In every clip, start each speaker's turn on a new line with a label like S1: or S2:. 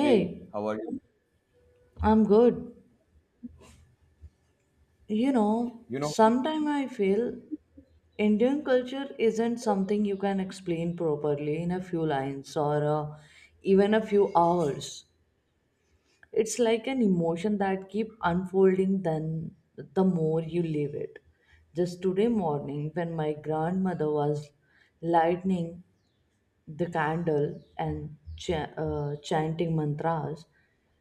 S1: Hey, how are you?
S2: I'm good. You know,
S1: You know,
S2: sometimes I feel Indian culture isn't something you can explain properly in a few lines or even a few hours. It's like an emotion that keep unfolding then the more you live it. Just today morning when my grandmother was lightning the candle and chanting mantras.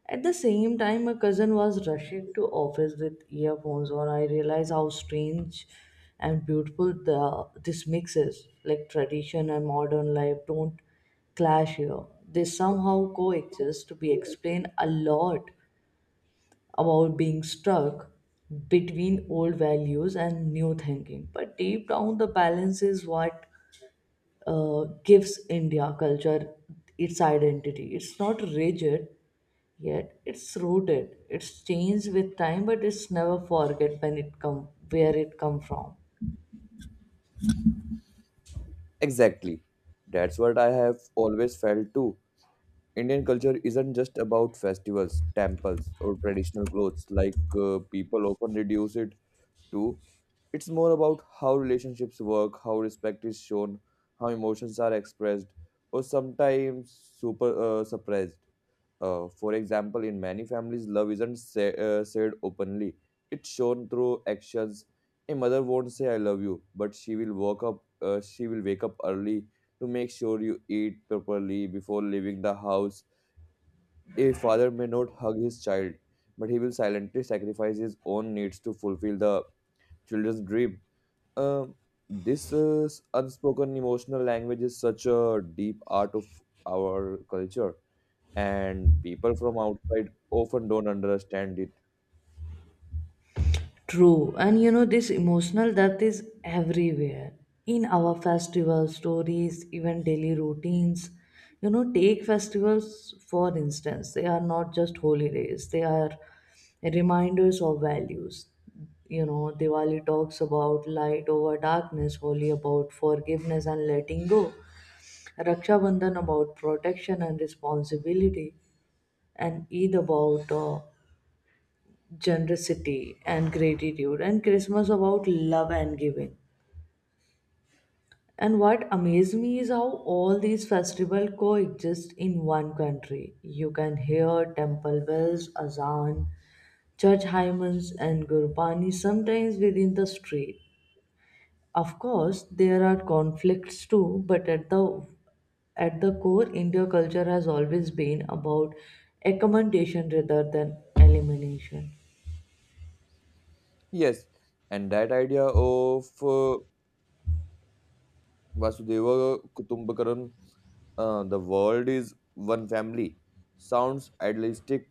S2: At the same time, my cousin was rushing to office with earphones on. I realized how strange and beautiful the this mix is. Like tradition and modern life don't clash here. They somehow coexist to be explained a lot about being stuck between old values and new thinking. But deep down the balance is what gives India culture its identity. It's not rigid yet; it's rooted. It's changed with time, but it's never forget when it come where it come from.
S1: exactly. That's what I have always felt too. Indian culture isn't just about festivals, temples, or traditional clothes like people often reduce it to. It's more about how relationships work, how respect is shown, how emotions are expressed, or sometimes super suppressed. For example, in many families, love isn't say, said openly, it's shown through actions. A mother won't say, I love you, but she will wake up early to make sure you eat properly before leaving the house. A father may not hug his child, but he will silently sacrifice his own needs to fulfill the children's dream. Um, this unspoken emotional language is such a deep art of our culture, and people from outside often don't understand it.
S2: True, and you know, this emotional depth is everywhere in our festival stories, even daily routines. You know, take festivals for instance, they are not just holidays, they are reminders of values. You know, Diwali talks about light over darkness, Holi about forgiveness and letting go, Raksha Bandhan about protection and responsibility, and Eid about generosity and gratitude, and Christmas about love and giving. And what amazed me is how all these festivals coexist in one country. You can hear temple bells, azan, church hymns, and gurbani sometimes within the street. Of course there are conflicts too, but at the core India culture has always been about accommodation rather than elimination.
S1: Yes, and that idea of Vasudeva Kutumbakaran, the world is one family, sounds idealistic,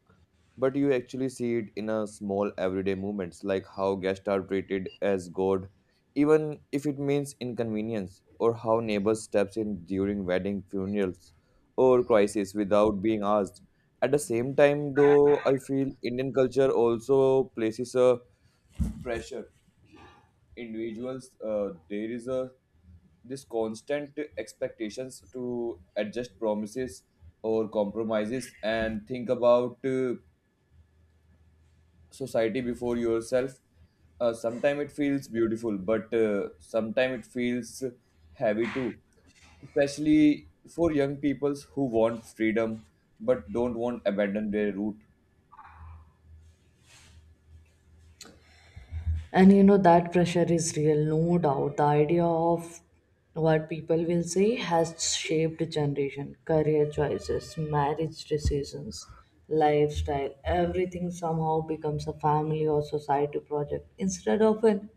S1: but you actually see it in a small everyday moments, like how guests are treated as God, even if it means inconvenience, or how neighbors steps in during wedding, funerals, or crisis without being asked. At the same time, though, I feel Indian culture also places a pressure individuals, there is a this constant expectations to adjust promises or compromises and think about society before yourself. Uh, sometimes it feels beautiful, but sometimes it feels heavy too, especially for young peoples who want freedom but don't want abandon their root.
S2: And you know, that pressure is real, no doubt. The idea of what people will say has shaped generation, career choices, marriage decisions, lifestyle. Everything somehow becomes a family or society project instead of an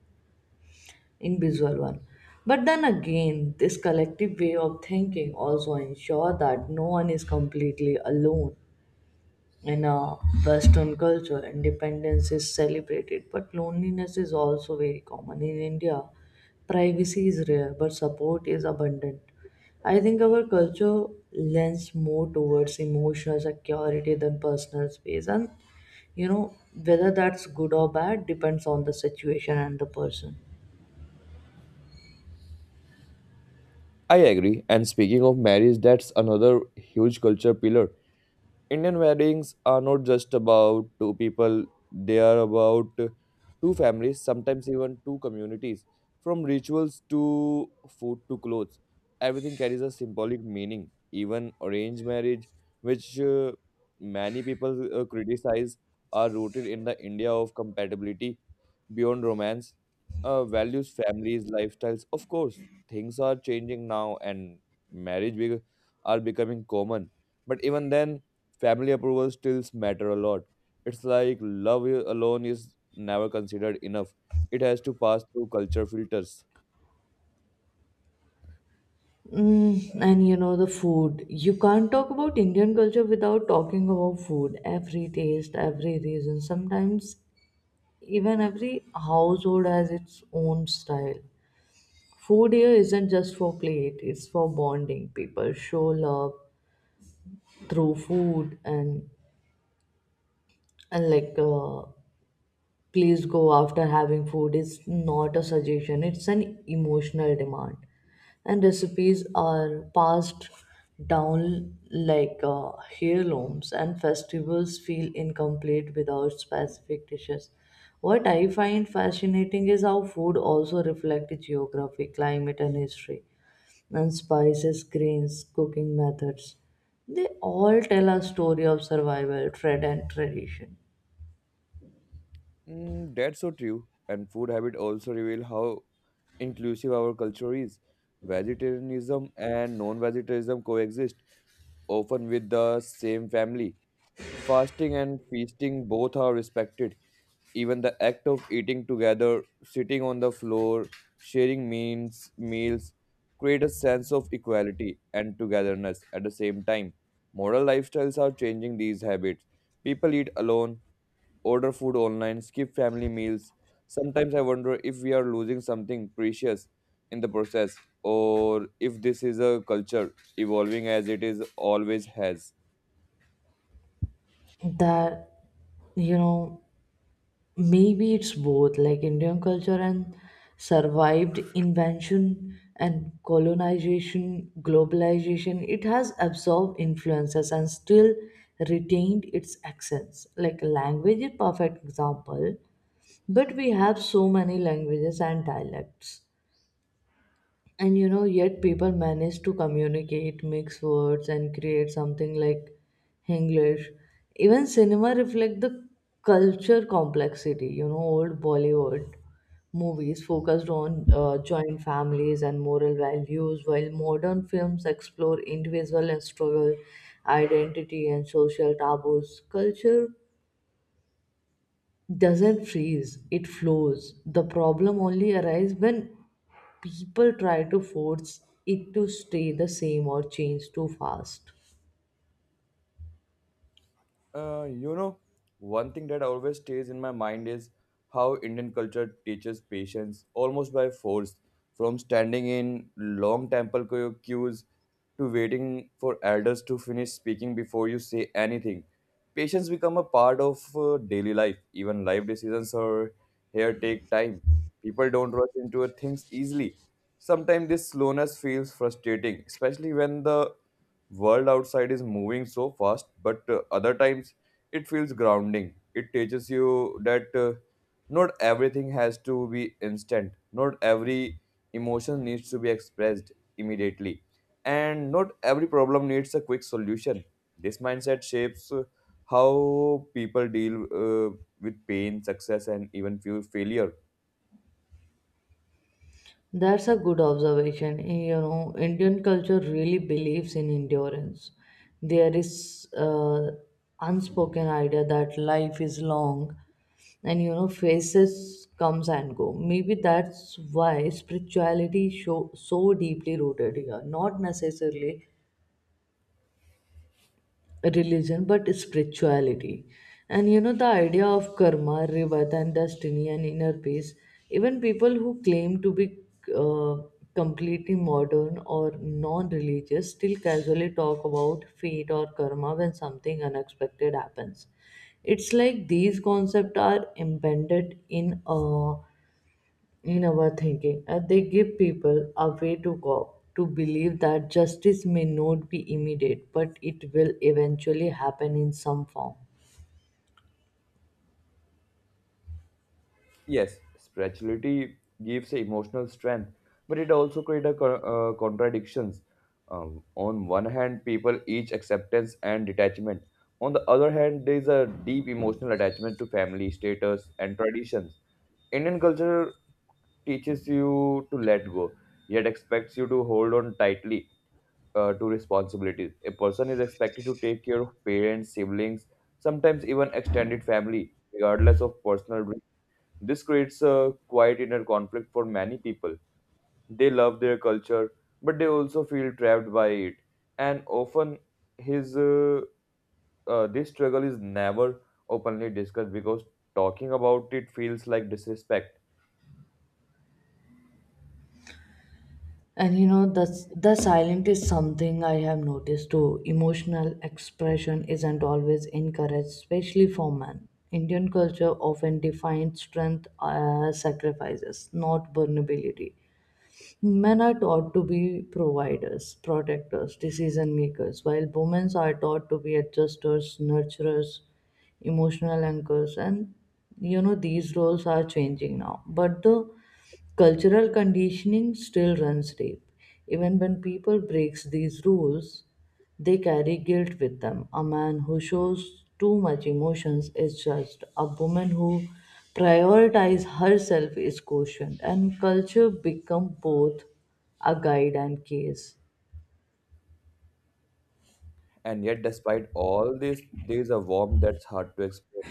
S2: individual one. But then again, this collective way of thinking also ensure that no one is completely alone. In a Western culture, independence is celebrated, but loneliness is also very common. In India, privacy is rare, but support is abundant. I think our culture lends more towards emotional security than personal space, and you know whether that's good or bad depends on the situation and the person.
S1: I agree. And speaking of marriage, that's another huge culture pillar. Indian weddings are not just about two people, they are about two families, sometimes even two communities. From rituals to food to clothes, everything carries a symbolic meaning. Even arranged marriage, which many people criticize, are rooted in the India of compatibility beyond romance, values, families, lifestyles. Of course, things are changing now, and marriage be- are becoming common. But even then, family approval still matter a lot. It's like alone is never considered enough. It has to pass through culture filters.
S2: Mm, and you know the food. You can't talk about Indian culture without talking about food. Every taste, every reason. Sometimes even every household has its own style. Food here isn't just for plate, it's for bonding. People show love through food, and like please go after having food is not a suggestion, it's an emotional demand. And recipes are passed down like heirlooms, and festivals feel incomplete without specific dishes. What I find fascinating is how food also reflects geography, climate, and history, and spices, grains, cooking methods. They all tell a story of survival, trade, and tradition.
S1: That's so true. And food habit also reveal how inclusive our culture is. Vegetarianism and non-vegetarianism coexist, often with the same family. Fasting and feasting both are respected. Even the act of eating together, sitting on the floor, meals, create a sense of equality and togetherness at the same time. Modern lifestyles are changing these habits. People eat alone, order food online, skip family meals. Sometimes I wonder if we are losing something precious in the process, or if this is a culture evolving as it is always has.
S2: That, you know, maybe it's both. Like Indian culture and survived invention and colonization, globalization, it has absorbed influences and still retained its accents. Like language is perfect example, but we have so many languages and dialects, and you know, yet people manage to communicate, mix words, and create something like English. Even cinema reflect the culture complexity. You know, old Bollywood movies focused on joint families and moral values, while modern films explore individual and struggle, identity, and social taboos. Culture doesn't freeze, it flows. The problem only arises when people try to force it to stay the same or change too fast.
S1: You know, one thing that always stays in my mind is how Indian culture teaches patience almost by force, from standing in long temple queues to waiting for elders to finish speaking before you say anything. Patience become a part of daily life. Even life decisions are here take time. People don't rush into things easily. Sometimes this slowness feels frustrating, especially when the world outside is moving so fast, but other times it feels grounding. It teaches you that not everything has to be instant, not every emotion needs to be expressed immediately, and not every problem needs a quick solution. This mindset shapes how people deal with pain, success, and even few failure.
S2: That's a good observation. You know, Indian culture really believes in endurance. There is unspoken idea that life is long, and you know phases comes and go. Maybe that's why spirituality show so deeply rooted here, not necessarily religion but spirituality, and you know the idea of karma, rebirth, and destiny and inner peace. Even people who claim to be uh, completely modern or non-religious still casually talk about fate or karma when something unexpected happens. It's like these concepts are embedded in our thinking, and they give people a way to cope, to believe that justice may not be immediate, but it will eventually happen in some form.
S1: Yes, spirituality gives emotional strength, but it also creates a contradictions. On one hand, people each acceptance and detachment. On the other hand, there is a deep emotional attachment to family, status, and traditions. Indian culture teaches you to let go, yet expects you to hold on tightly to responsibilities. A person is expected to take care of parents, siblings, sometimes even extended family, regardless of personal. This creates a quiet inner conflict for many people. They love their culture, but they also feel trapped by it. And often, his this struggle is never openly discussed because talking about it feels like disrespect.
S2: And you know, the silent is something I have noticed too. Emotional expression isn't always encouraged, especially for men. Indian culture often defines strength as sacrifices, not vulnerability. Men are taught to be providers, protectors, decision makers, while women are taught to be adjusters, nurturers, emotional anchors, and you know these roles are changing now. But the cultural conditioning still runs deep. Even when people breaks these rules, they carry guilt with them. A man who shows too much emotions is judged. A woman who prioritizes herself is cautioned. And culture become both a guide and case.
S1: And yet, despite all this, there is a warmth that's hard to explain.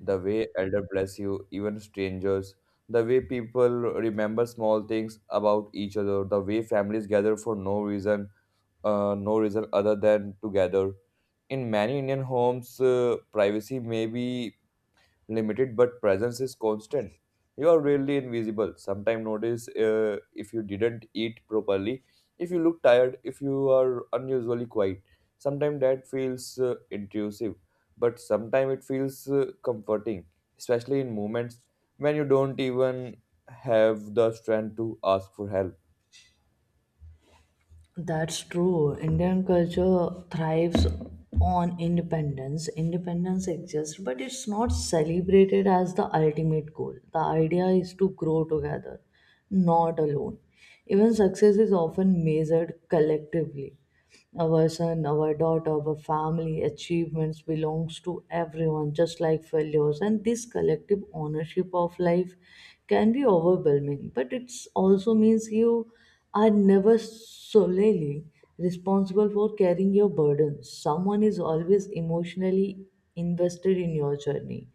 S1: The way elder bless you, even strangers, the way people remember small things about each other, the way families gather for no reason, no reason other than to gather. In many Indian homes, privacy may be limited, but presence is constant. You are really invisible. Sometimes notice if you didn't eat properly, if you look tired, if you are unusually quiet. Sometimes that feels intrusive, but sometimes it feels comforting, especially in moments when you don't even have the strength to ask for help.
S2: That's true. Indian culture thrives on independence. Independence exists, but it's not celebrated as the ultimate goal. The idea is to grow together, not alone. Even success is often measured collectively. Our son, our daughter, our family achievements belongs to everyone, just like failures. And this collective ownership of life can be overwhelming, but it also means you are never solely responsible for carrying your burden. Someone is always emotionally invested in your journey,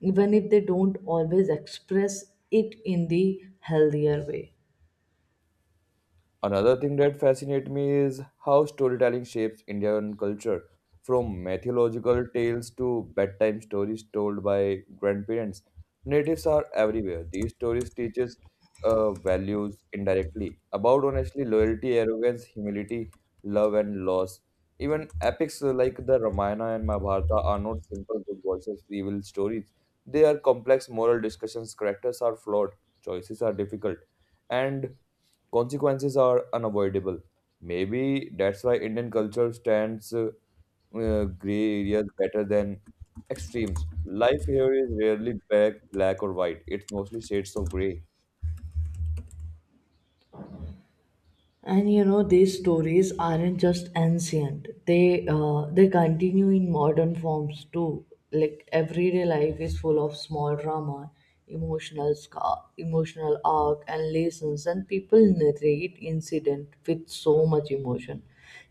S2: even if they don't always express it in the healthier way.
S1: Another thing that fascinates me is how storytelling shapes Indian culture, from mythological tales to bedtime stories told by grandparents. Natives are everywhere. These stories teach us values indirectly about honestly loyalty, arrogance, humility, love, and loss. Even epics like the Ramayana and Mahabharata are not simple good versus evil stories. They are complex moral discussions. Characters are flawed, choices are difficult, and consequences are unavoidable. Maybe that's why Indian culture stands gray areas better than extremes. Life here is rarely black, or white. It's mostly shades of gray.
S2: And you know these stories aren't just ancient; they continue in modern forms too. Like everyday life is full of small drama, emotional scar, emotional arc, and lessons. And people narrate incident with so much emotion.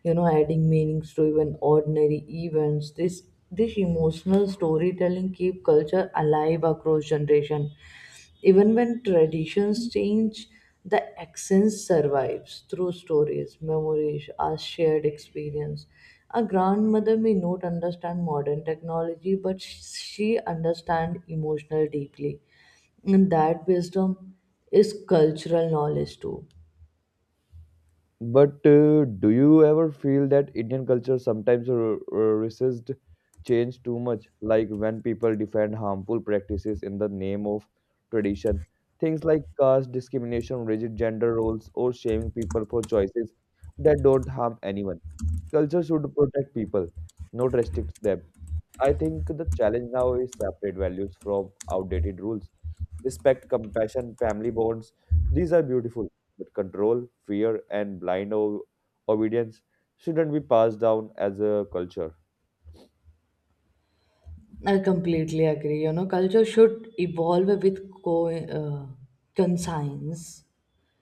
S2: You know, adding meanings to even ordinary events. This emotional storytelling keep culture alive across generation, even when traditions change, the accent survives through stories, memories, our shared experience. A grandmother may not understand modern technology, but she understands emotional deeply. And that wisdom is cultural knowledge too.
S1: But do you ever feel that Indian culture sometimes resists change too much? Like when people defend harmful practices in the name of tradition, things like caste discrimination, rigid gender roles, or shaming people for choices that don't harm anyone. Culture should protect people, not restrict them. I think the challenge now is separate values from outdated rules. Respect, compassion, family bonds, these are beautiful, but control, fear, and obedience shouldn't be passed down as a culture.
S2: I completely agree. You know, culture should evolve with conscience,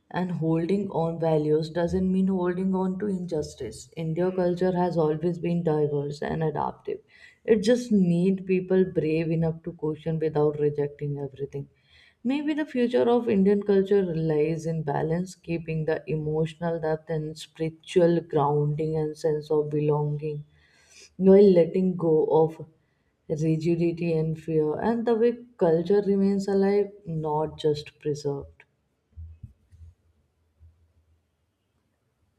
S2: and holding on values doesn't mean holding on to injustice. India culture has always been diverse and adaptive. It just need people brave enough to question without rejecting everything. Maybe the future of Indian culture lies in balance, keeping the emotional depth and spiritual grounding and sense of belonging while letting go of rigidity and fear, and the way culture remains alive, not just preserved.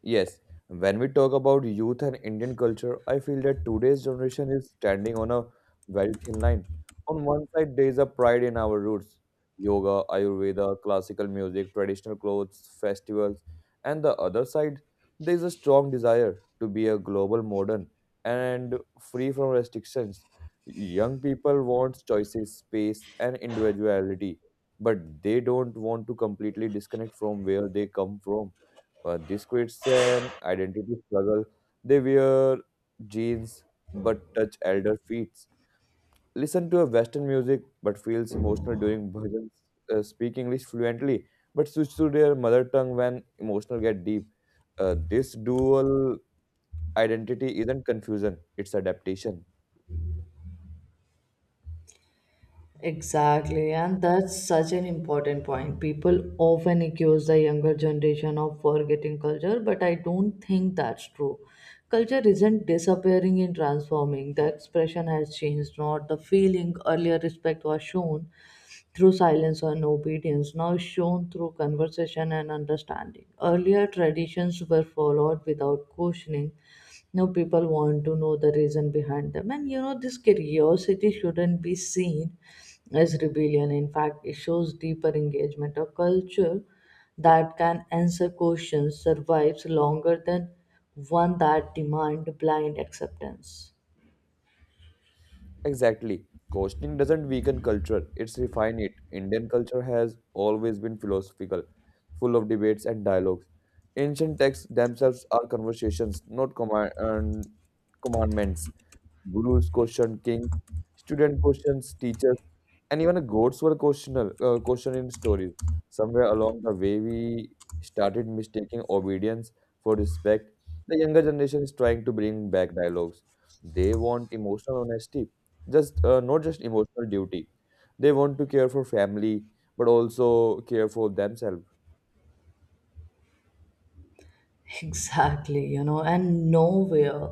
S1: Yes, when we talk about youth and Indian culture, I feel that today's generation is standing on a very thin line. On one side, there is a pride in our roots: yoga, Ayurveda, classical music, traditional clothes, festivals. And the other side, there is a strong desire to be a global modern and free from restrictions. Young people want choices, space, and individuality, but they don't want to completely disconnect from where they come from. But this creates an identity struggle. They wear jeans but touch elder feet. Listen to a Western music but feels emotional during bhajans. Speak English fluently but switch to their mother tongue when emotional get deep. This dual identity isn't confusion; it's adaptation.
S2: Exactly, and that's such an important point. People often accuse the younger generation of forgetting culture, but I don't think that's true. Culture isn't disappearing in transforming, the expression has changed, not the feeling. Earlier respect was shown through silence and obedience, now shown through conversation and understanding. Earlier traditions were followed without questioning. Now people want to know the reason behind them. And you know, this curiosity shouldn't be seen as rebellion. In fact, it shows deeper engagement. A culture that can answer questions survives longer than one that demand blind acceptance.
S1: Exactly. Questioning doesn't weaken culture, it's refine it. Indian culture has always been philosophical, full of debates and dialogues. Ancient texts themselves are conversations, not commandments. Gurus questioned kings, student questions teachers, and even goats were questioned in stories. Somewhere along the way, we started mistaking obedience for respect. The younger generation is trying to bring back dialogues. They want emotional honesty, just not just emotional duty. They want to care for family, but also care for themselves.
S2: Exactly, you know, and nowhere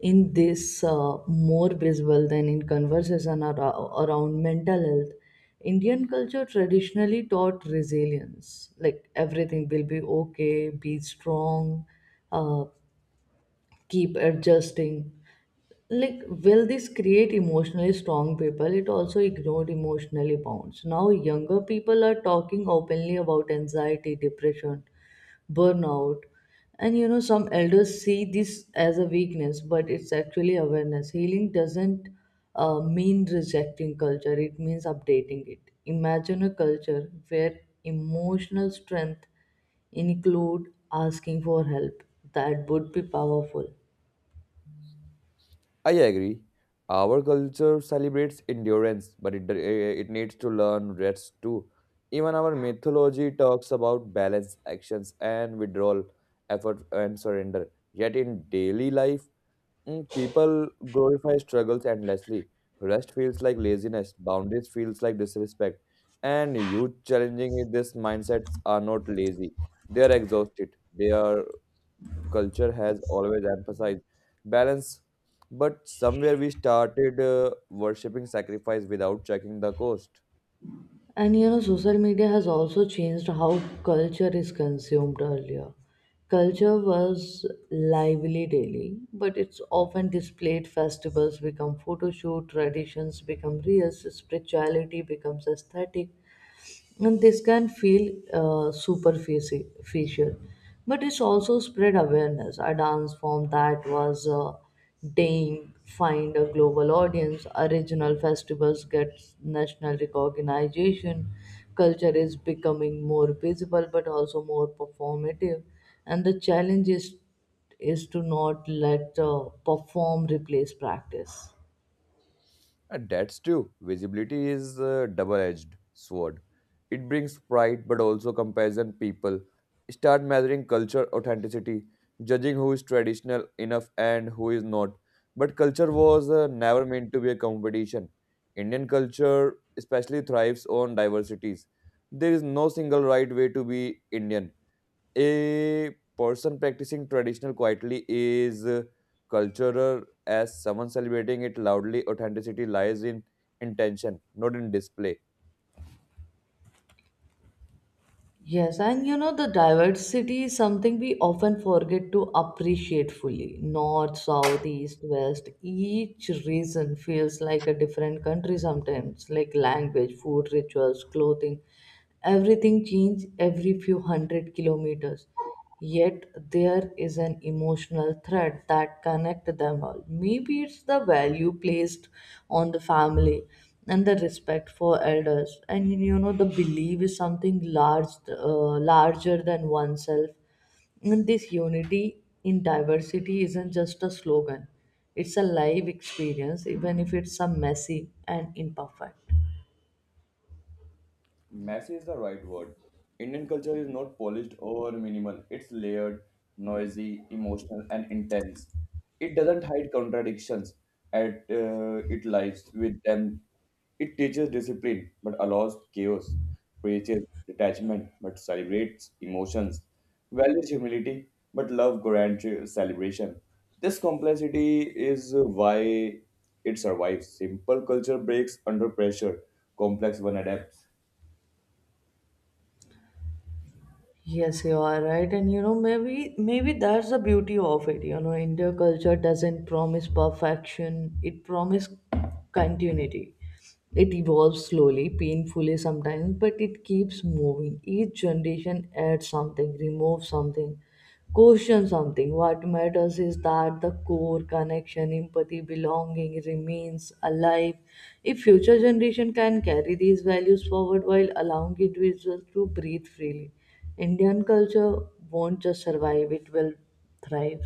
S2: in this more visible than in conversation around mental health. Indian culture traditionally taught resilience, like everything will be okay, be strong, uh, keep adjusting. Like, will this create emotionally strong people? It also ignored emotionally bounds. Now, younger people are talking openly about anxiety, depression, burnout. And you know, some elders see this as a weakness, but it's actually awareness. Healing doesn't mean rejecting culture, it means updating it. Imagine a culture where emotional strength include asking for help. That would be powerful.
S1: I agree. Our culture celebrates endurance, but it needs to learn rest too. Even our mythology talks about balance, actions, and withdrawal, effort, and surrender. Yet in daily life, people glorify struggles endlessly. Rest feels like laziness, boundaries feels like disrespect, and youth challenging with this mindsets are not lazy. They are exhausted. They are culture has always emphasized balance, but somewhere we started worshipping sacrifice without checking the cost.
S2: And you know, social media has also changed how culture is consumed earlier. Culture was lively daily, but it's often displayed. Festivals become photo shoot, traditions become reels, spirituality becomes aesthetic, and this can feel superficial, but it's also spread awareness. A dance form that was dying find a global audience, original festivals get national recognition. Culture is becoming more visible but also more performative, and the challenge is to not let perform replace practice.
S1: And that's true. Visibility is a double-edged sword. It brings pride, but also comparison. People start measuring culture authenticity, judging who is traditional enough and who is not. But culture was never meant to be a competition. Indian culture especially thrives on diversities. There is no single right way to be Indian. A person practicing traditional quietly is cultural as someone celebrating it loudly. Authenticity lies in intention, not in display.
S2: Yes, and you know, the diversity is something we often forget to appreciate fully. North, south, east, west, each region feels like a different country sometimes, like language, food, rituals, clothing. Everything changes every few hundred kilometers, yet there is an emotional thread that connects them all. Maybe it's the value placed on the family and the respect for elders, and you know the belief is something larger than oneself. And this unity in diversity isn't just a slogan; it's a live experience, even if it's a messy and imperfect.
S1: Messy is the right word. Indian culture is not polished or minimal. It's layered, noisy, emotional, and intense. It doesn't hide contradictions. At It lies with them. It teaches discipline but allows chaos. Preaches detachment but celebrates emotions. Values humility but love grand celebration. This complexity is why it survives. Simple culture breaks under pressure. Complex one adapts.
S2: Yes, you are right. And you know, maybe that's the beauty of it. You know, India culture doesn't promise perfection, it promises continuity. It evolves slowly, painfully sometimes, but it keeps moving. Each generation adds something, removes something, questions something. What matters is that the core connection, empathy, belonging remains alive. If future generation can carry these values forward while allowing individuals to breathe freely, Indian culture won't just survive, it will thrive.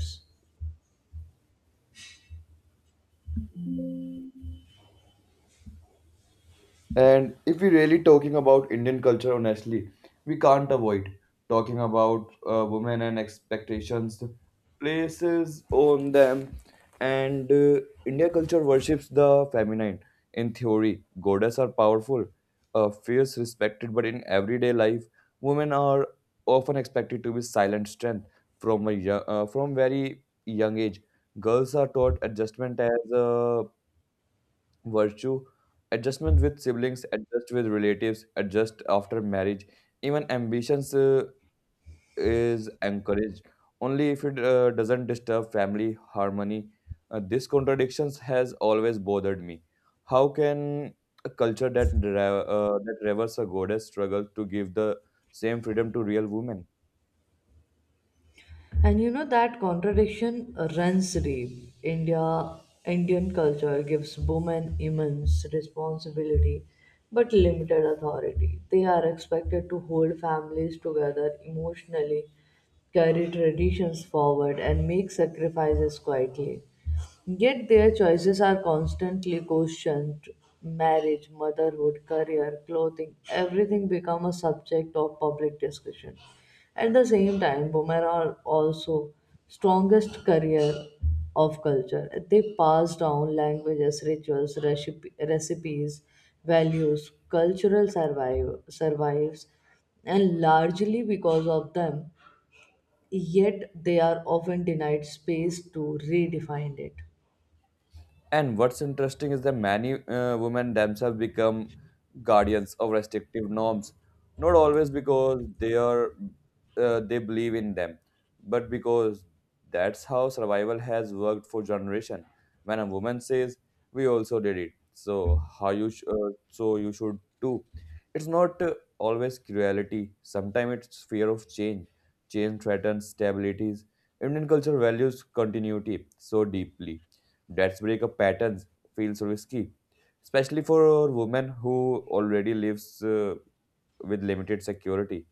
S1: And if we really talking about Indian culture, honestly, we can't avoid talking about women and expectations, places on them, and India culture worships the feminine. In theory, goddesses are powerful, fierce, respected, but in everyday life, women are often expected to be silent strength from a from very young age. Girls are taught adjustment as virtue, adjustment with siblings, adjust with relatives, adjust after marriage. Even ambitions is encouraged only if it doesn't disturb family harmony. These contradictions has always bothered me. How can a culture that that reveres a goddess struggle to give the same freedom to real women?
S2: And you know that contradiction runs deep. Indian culture gives women immense responsibility but limited authority. They are expected to hold families together emotionally, carry traditions forward, and make sacrifices quietly. Yet their choices are constantly questioned. Marriage, motherhood, career, clothing, everything become a subject of public discussion. At the same time, women are also strongest career of culture. They pass down languages, rituals, recipes, values, survives, and largely because of them, yet they are often denied space to redefine it.
S1: And what's interesting is that many women themselves become guardians of restrictive norms, not always because they believe in them, but because that's how survival has worked for generation. When a woman says, "We also did it, so you should too." It's not always cruelty. Sometimes it's fear of change. Change threatens stabilities. Indian culture values continuity so deeply that's breakup patterns feels risky, especially for women who already lives with limited security.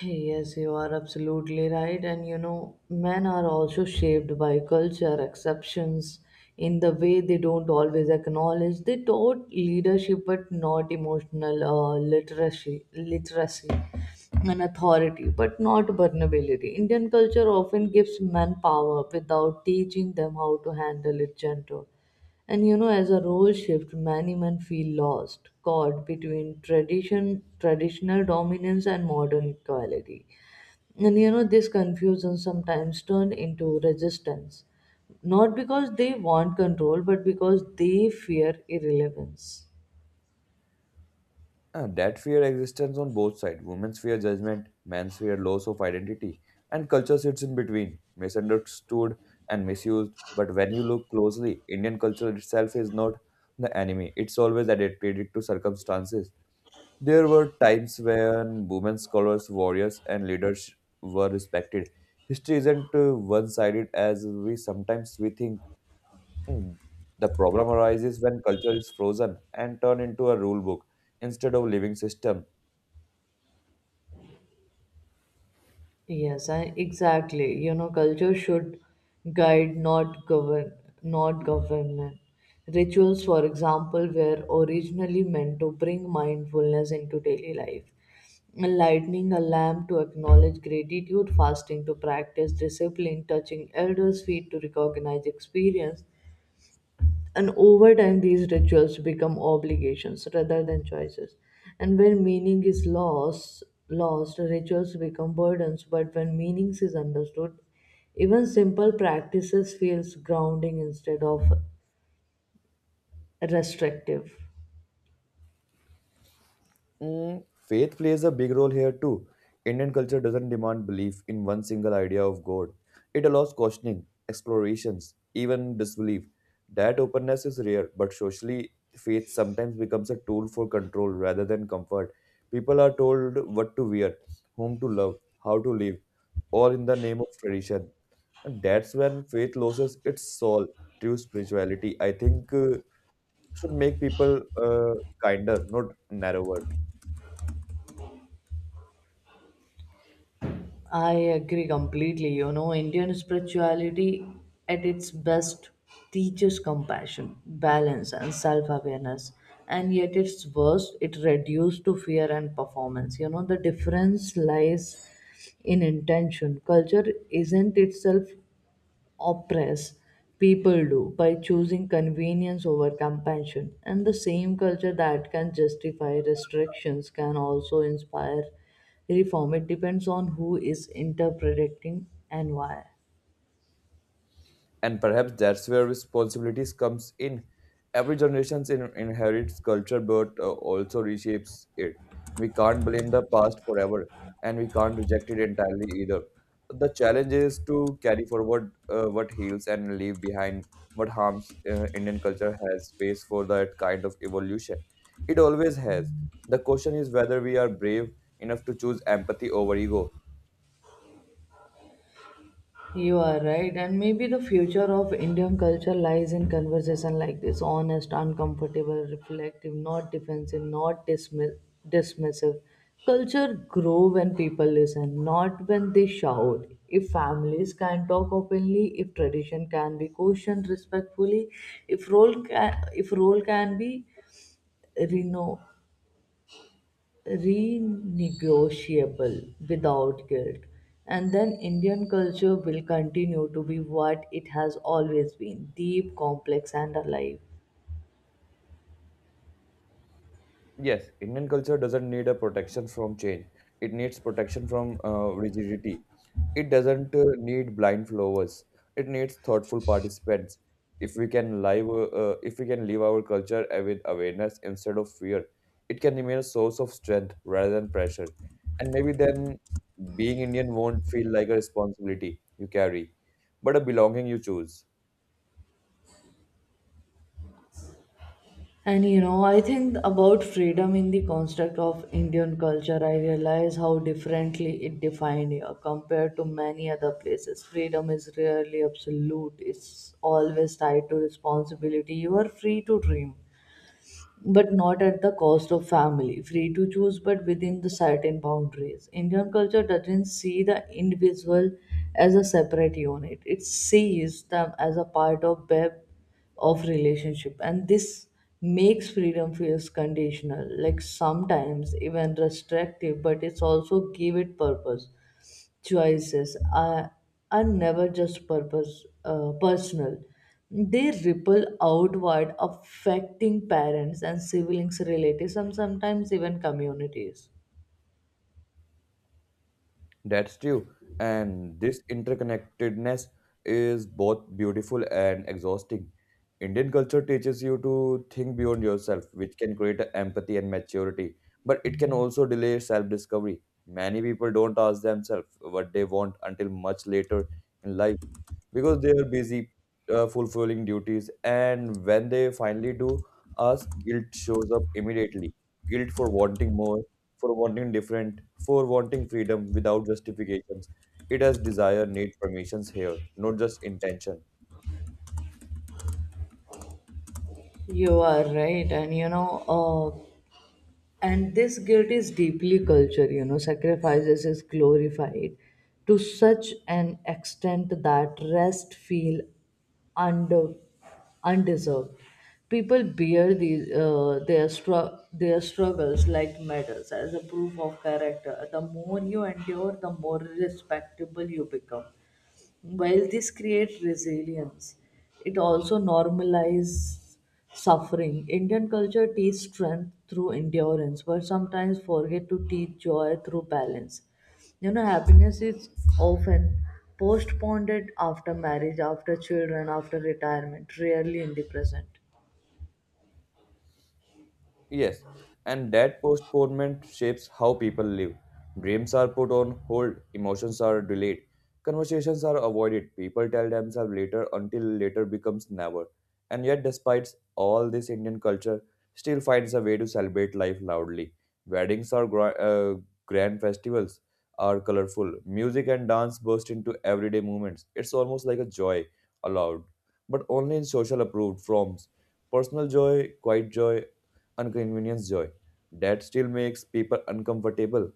S2: Yes, you are absolutely right. And you know, men are also shaped by culture, exceptions in the way they don't always acknowledge. They taught leadership, but not emotional literacy and authority, but not vulnerability. Indian culture often gives men power without teaching them how to handle it gentle. And you know, as a role shift, many men feel lost, caught between traditional dominance and modern equality. And you know, this confusion sometimes turn into resistance, not because they want control, but because they fear irrelevance.
S1: That fear existence on both sides. Women's fear judgment, men's fear loss of identity, and culture sits in between, misunderstood and misused. But when you look closely, Indian culture itself is not the enemy. It's always adapted to circumstances. There were times when women scholars, warriors, and leaders were respected. History isn't one-sided as we sometimes we think. Mm. The problem arises when culture is frozen and turned into a rule book instead of living system.
S2: Yes, I, exactly. You know, culture should guide, not govern. Rituals, for example, were originally meant to bring mindfulness into daily life. Lighting a lamp to acknowledge gratitude, fasting to practice discipline, touching elders' feet to recognize experience, and over time, these rituals become obligations rather than choices. And when meaning is lost, lost rituals become burdens. But when meanings is understood, even simple practices feels grounding instead of restrictive.
S1: Mm, faith plays a big role here too. Indian culture doesn't demand belief in one single idea of God. It allows questioning, explorations, even disbelief. That openness is rare, but socially, faith sometimes becomes a tool for control rather than comfort. People are told what to wear, whom to love, how to live, all in the name of tradition. And that's when faith loses its soul. True spirituality, I think, should make people kinder, not narrower.
S2: I agree completely. You know, Indian spirituality at its best teaches compassion, balance, and self awareness. And yet, its worst, it reduced to fear and performance. You know, the difference lies in intention. Culture isn't itself oppress people do by choosing convenience over compassion. And the same culture that can justify restrictions can also inspire reform. It depends on who is interpreting and why.
S1: And perhaps that's where responsibilities comes in. Every generation inherits culture, but also reshapes it. We can't blame the past forever, and we can't reject it entirely either. The challenge is to carry forward what heals and leave behind what harms. Uh, indian culture has space for that kind of evolution. It always has. The question is whether we are brave enough to choose empathy over ego.
S2: You are right, and maybe the future of Indian culture lies in conversation like this honest, uncomfortable, reflective, not defensive, not dismiss- dismissive. Culture grow when people listen, not when they shout. If families can talk openly, if tradition can be questioned respectfully, if role can be reno- renegotiable without guilt. And then Indian culture will continue to be what it has always been deep, complex, and alive.
S1: Yes, Indian culture doesn't need a protection from change. It needs protection from rigidity. It doesn't need blind followers. It needs thoughtful participants. If we can live, if we can live our culture with awareness instead of fear, it can remain a source of strength rather than pressure. And maybe then, being Indian won't feel like a responsibility you carry, but a belonging you choose.
S2: And you know, I think about freedom in the construct of Indian culture, I realize how differently it defined here compared to many other places. Freedom is rarely absolute, it's always tied to responsibility. You are free to dream but not at the cost of family. Free to choose, but within the certain boundaries. Indian culture doesn't see the individual as a separate unit. It sees them as a part of web of relationship, and this makes freedom feels conditional, like sometimes even restrictive, but it's also give it purpose choices are never just purpose personal. They ripple outward affecting parents and siblings relatives and sometimes even communities.
S1: That's true. And this interconnectedness is both beautiful and exhausting. Indian culture teaches you to think beyond yourself, which can create a empathy and maturity, but it can also delay self discovery. Many people don't ask themselves what they want until much later in life, because they are busy fulfilling duties, and when they finally do ask, guilt shows up immediately. Guilt for wanting more, for wanting different, for wanting freedom without justifications. It has desire need permissions here, not just intention.
S2: You are right, and you know, and this guilt is deeply cultural. You know, sacrifices is glorified to such an extent that rest feel under undeserved. People bear their struggles like medals as a proof of character. The more you endure, the more respectable you become. While this creates resilience, it also normalizes suffering. Indian culture teaches strength through endurance, but sometimes forget to teach joy through balance. You know, happiness is often postponed after marriage, after children, after retirement, rarely in the present.
S1: Yes, and that postponement shapes how people live. Dreams are put on hold, emotions are delayed, conversations are avoided. People tell themselves later until later becomes never. And yet, despite all this, Indian culture still finds a way to celebrate life loudly. Weddings are gra- uh, Grand festivals are colorful. Music and dance burst into everyday moments. It's almost like a joy allowed, but only in social approved forms. Personal joy, quiet joy, inconvenience joy that still makes people uncomfortable.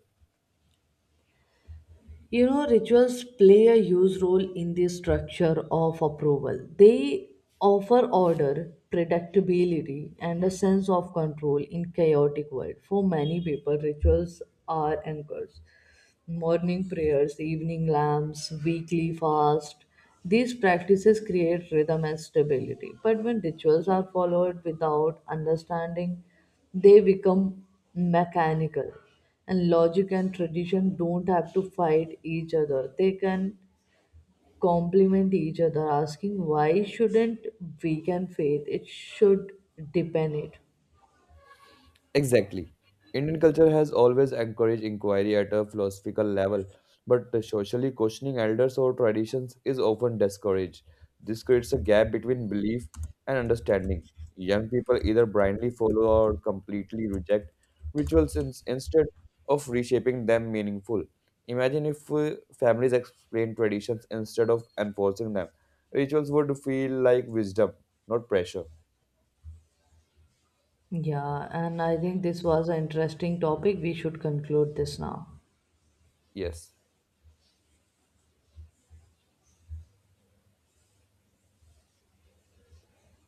S2: You know, rituals play a huge role in the structure of approval. They offer order, predictability, and a sense of control in chaotic world. For many people, rituals are anchors morning prayers, evening lamps, weekly fast. These practices create rhythm and stability. But when rituals are followed without understanding, they become mechanical. And logic and tradition don't have to fight each other. They can complement each other, asking why shouldn't weaken faith? It should deepen it.
S1: Exactly. Indian culture has always encouraged inquiry at a philosophical level, but the socially questioning elders or traditions is often discouraged. This creates a gap between belief and understanding. Young people either blindly follow or completely reject rituals instead of reshaping them meaningful. Imagine if families explain traditions instead of enforcing them. Rituals would feel like wisdom, not pressure.
S2: Yeah, and I think this was an interesting topic. We should conclude this now.
S1: Yes.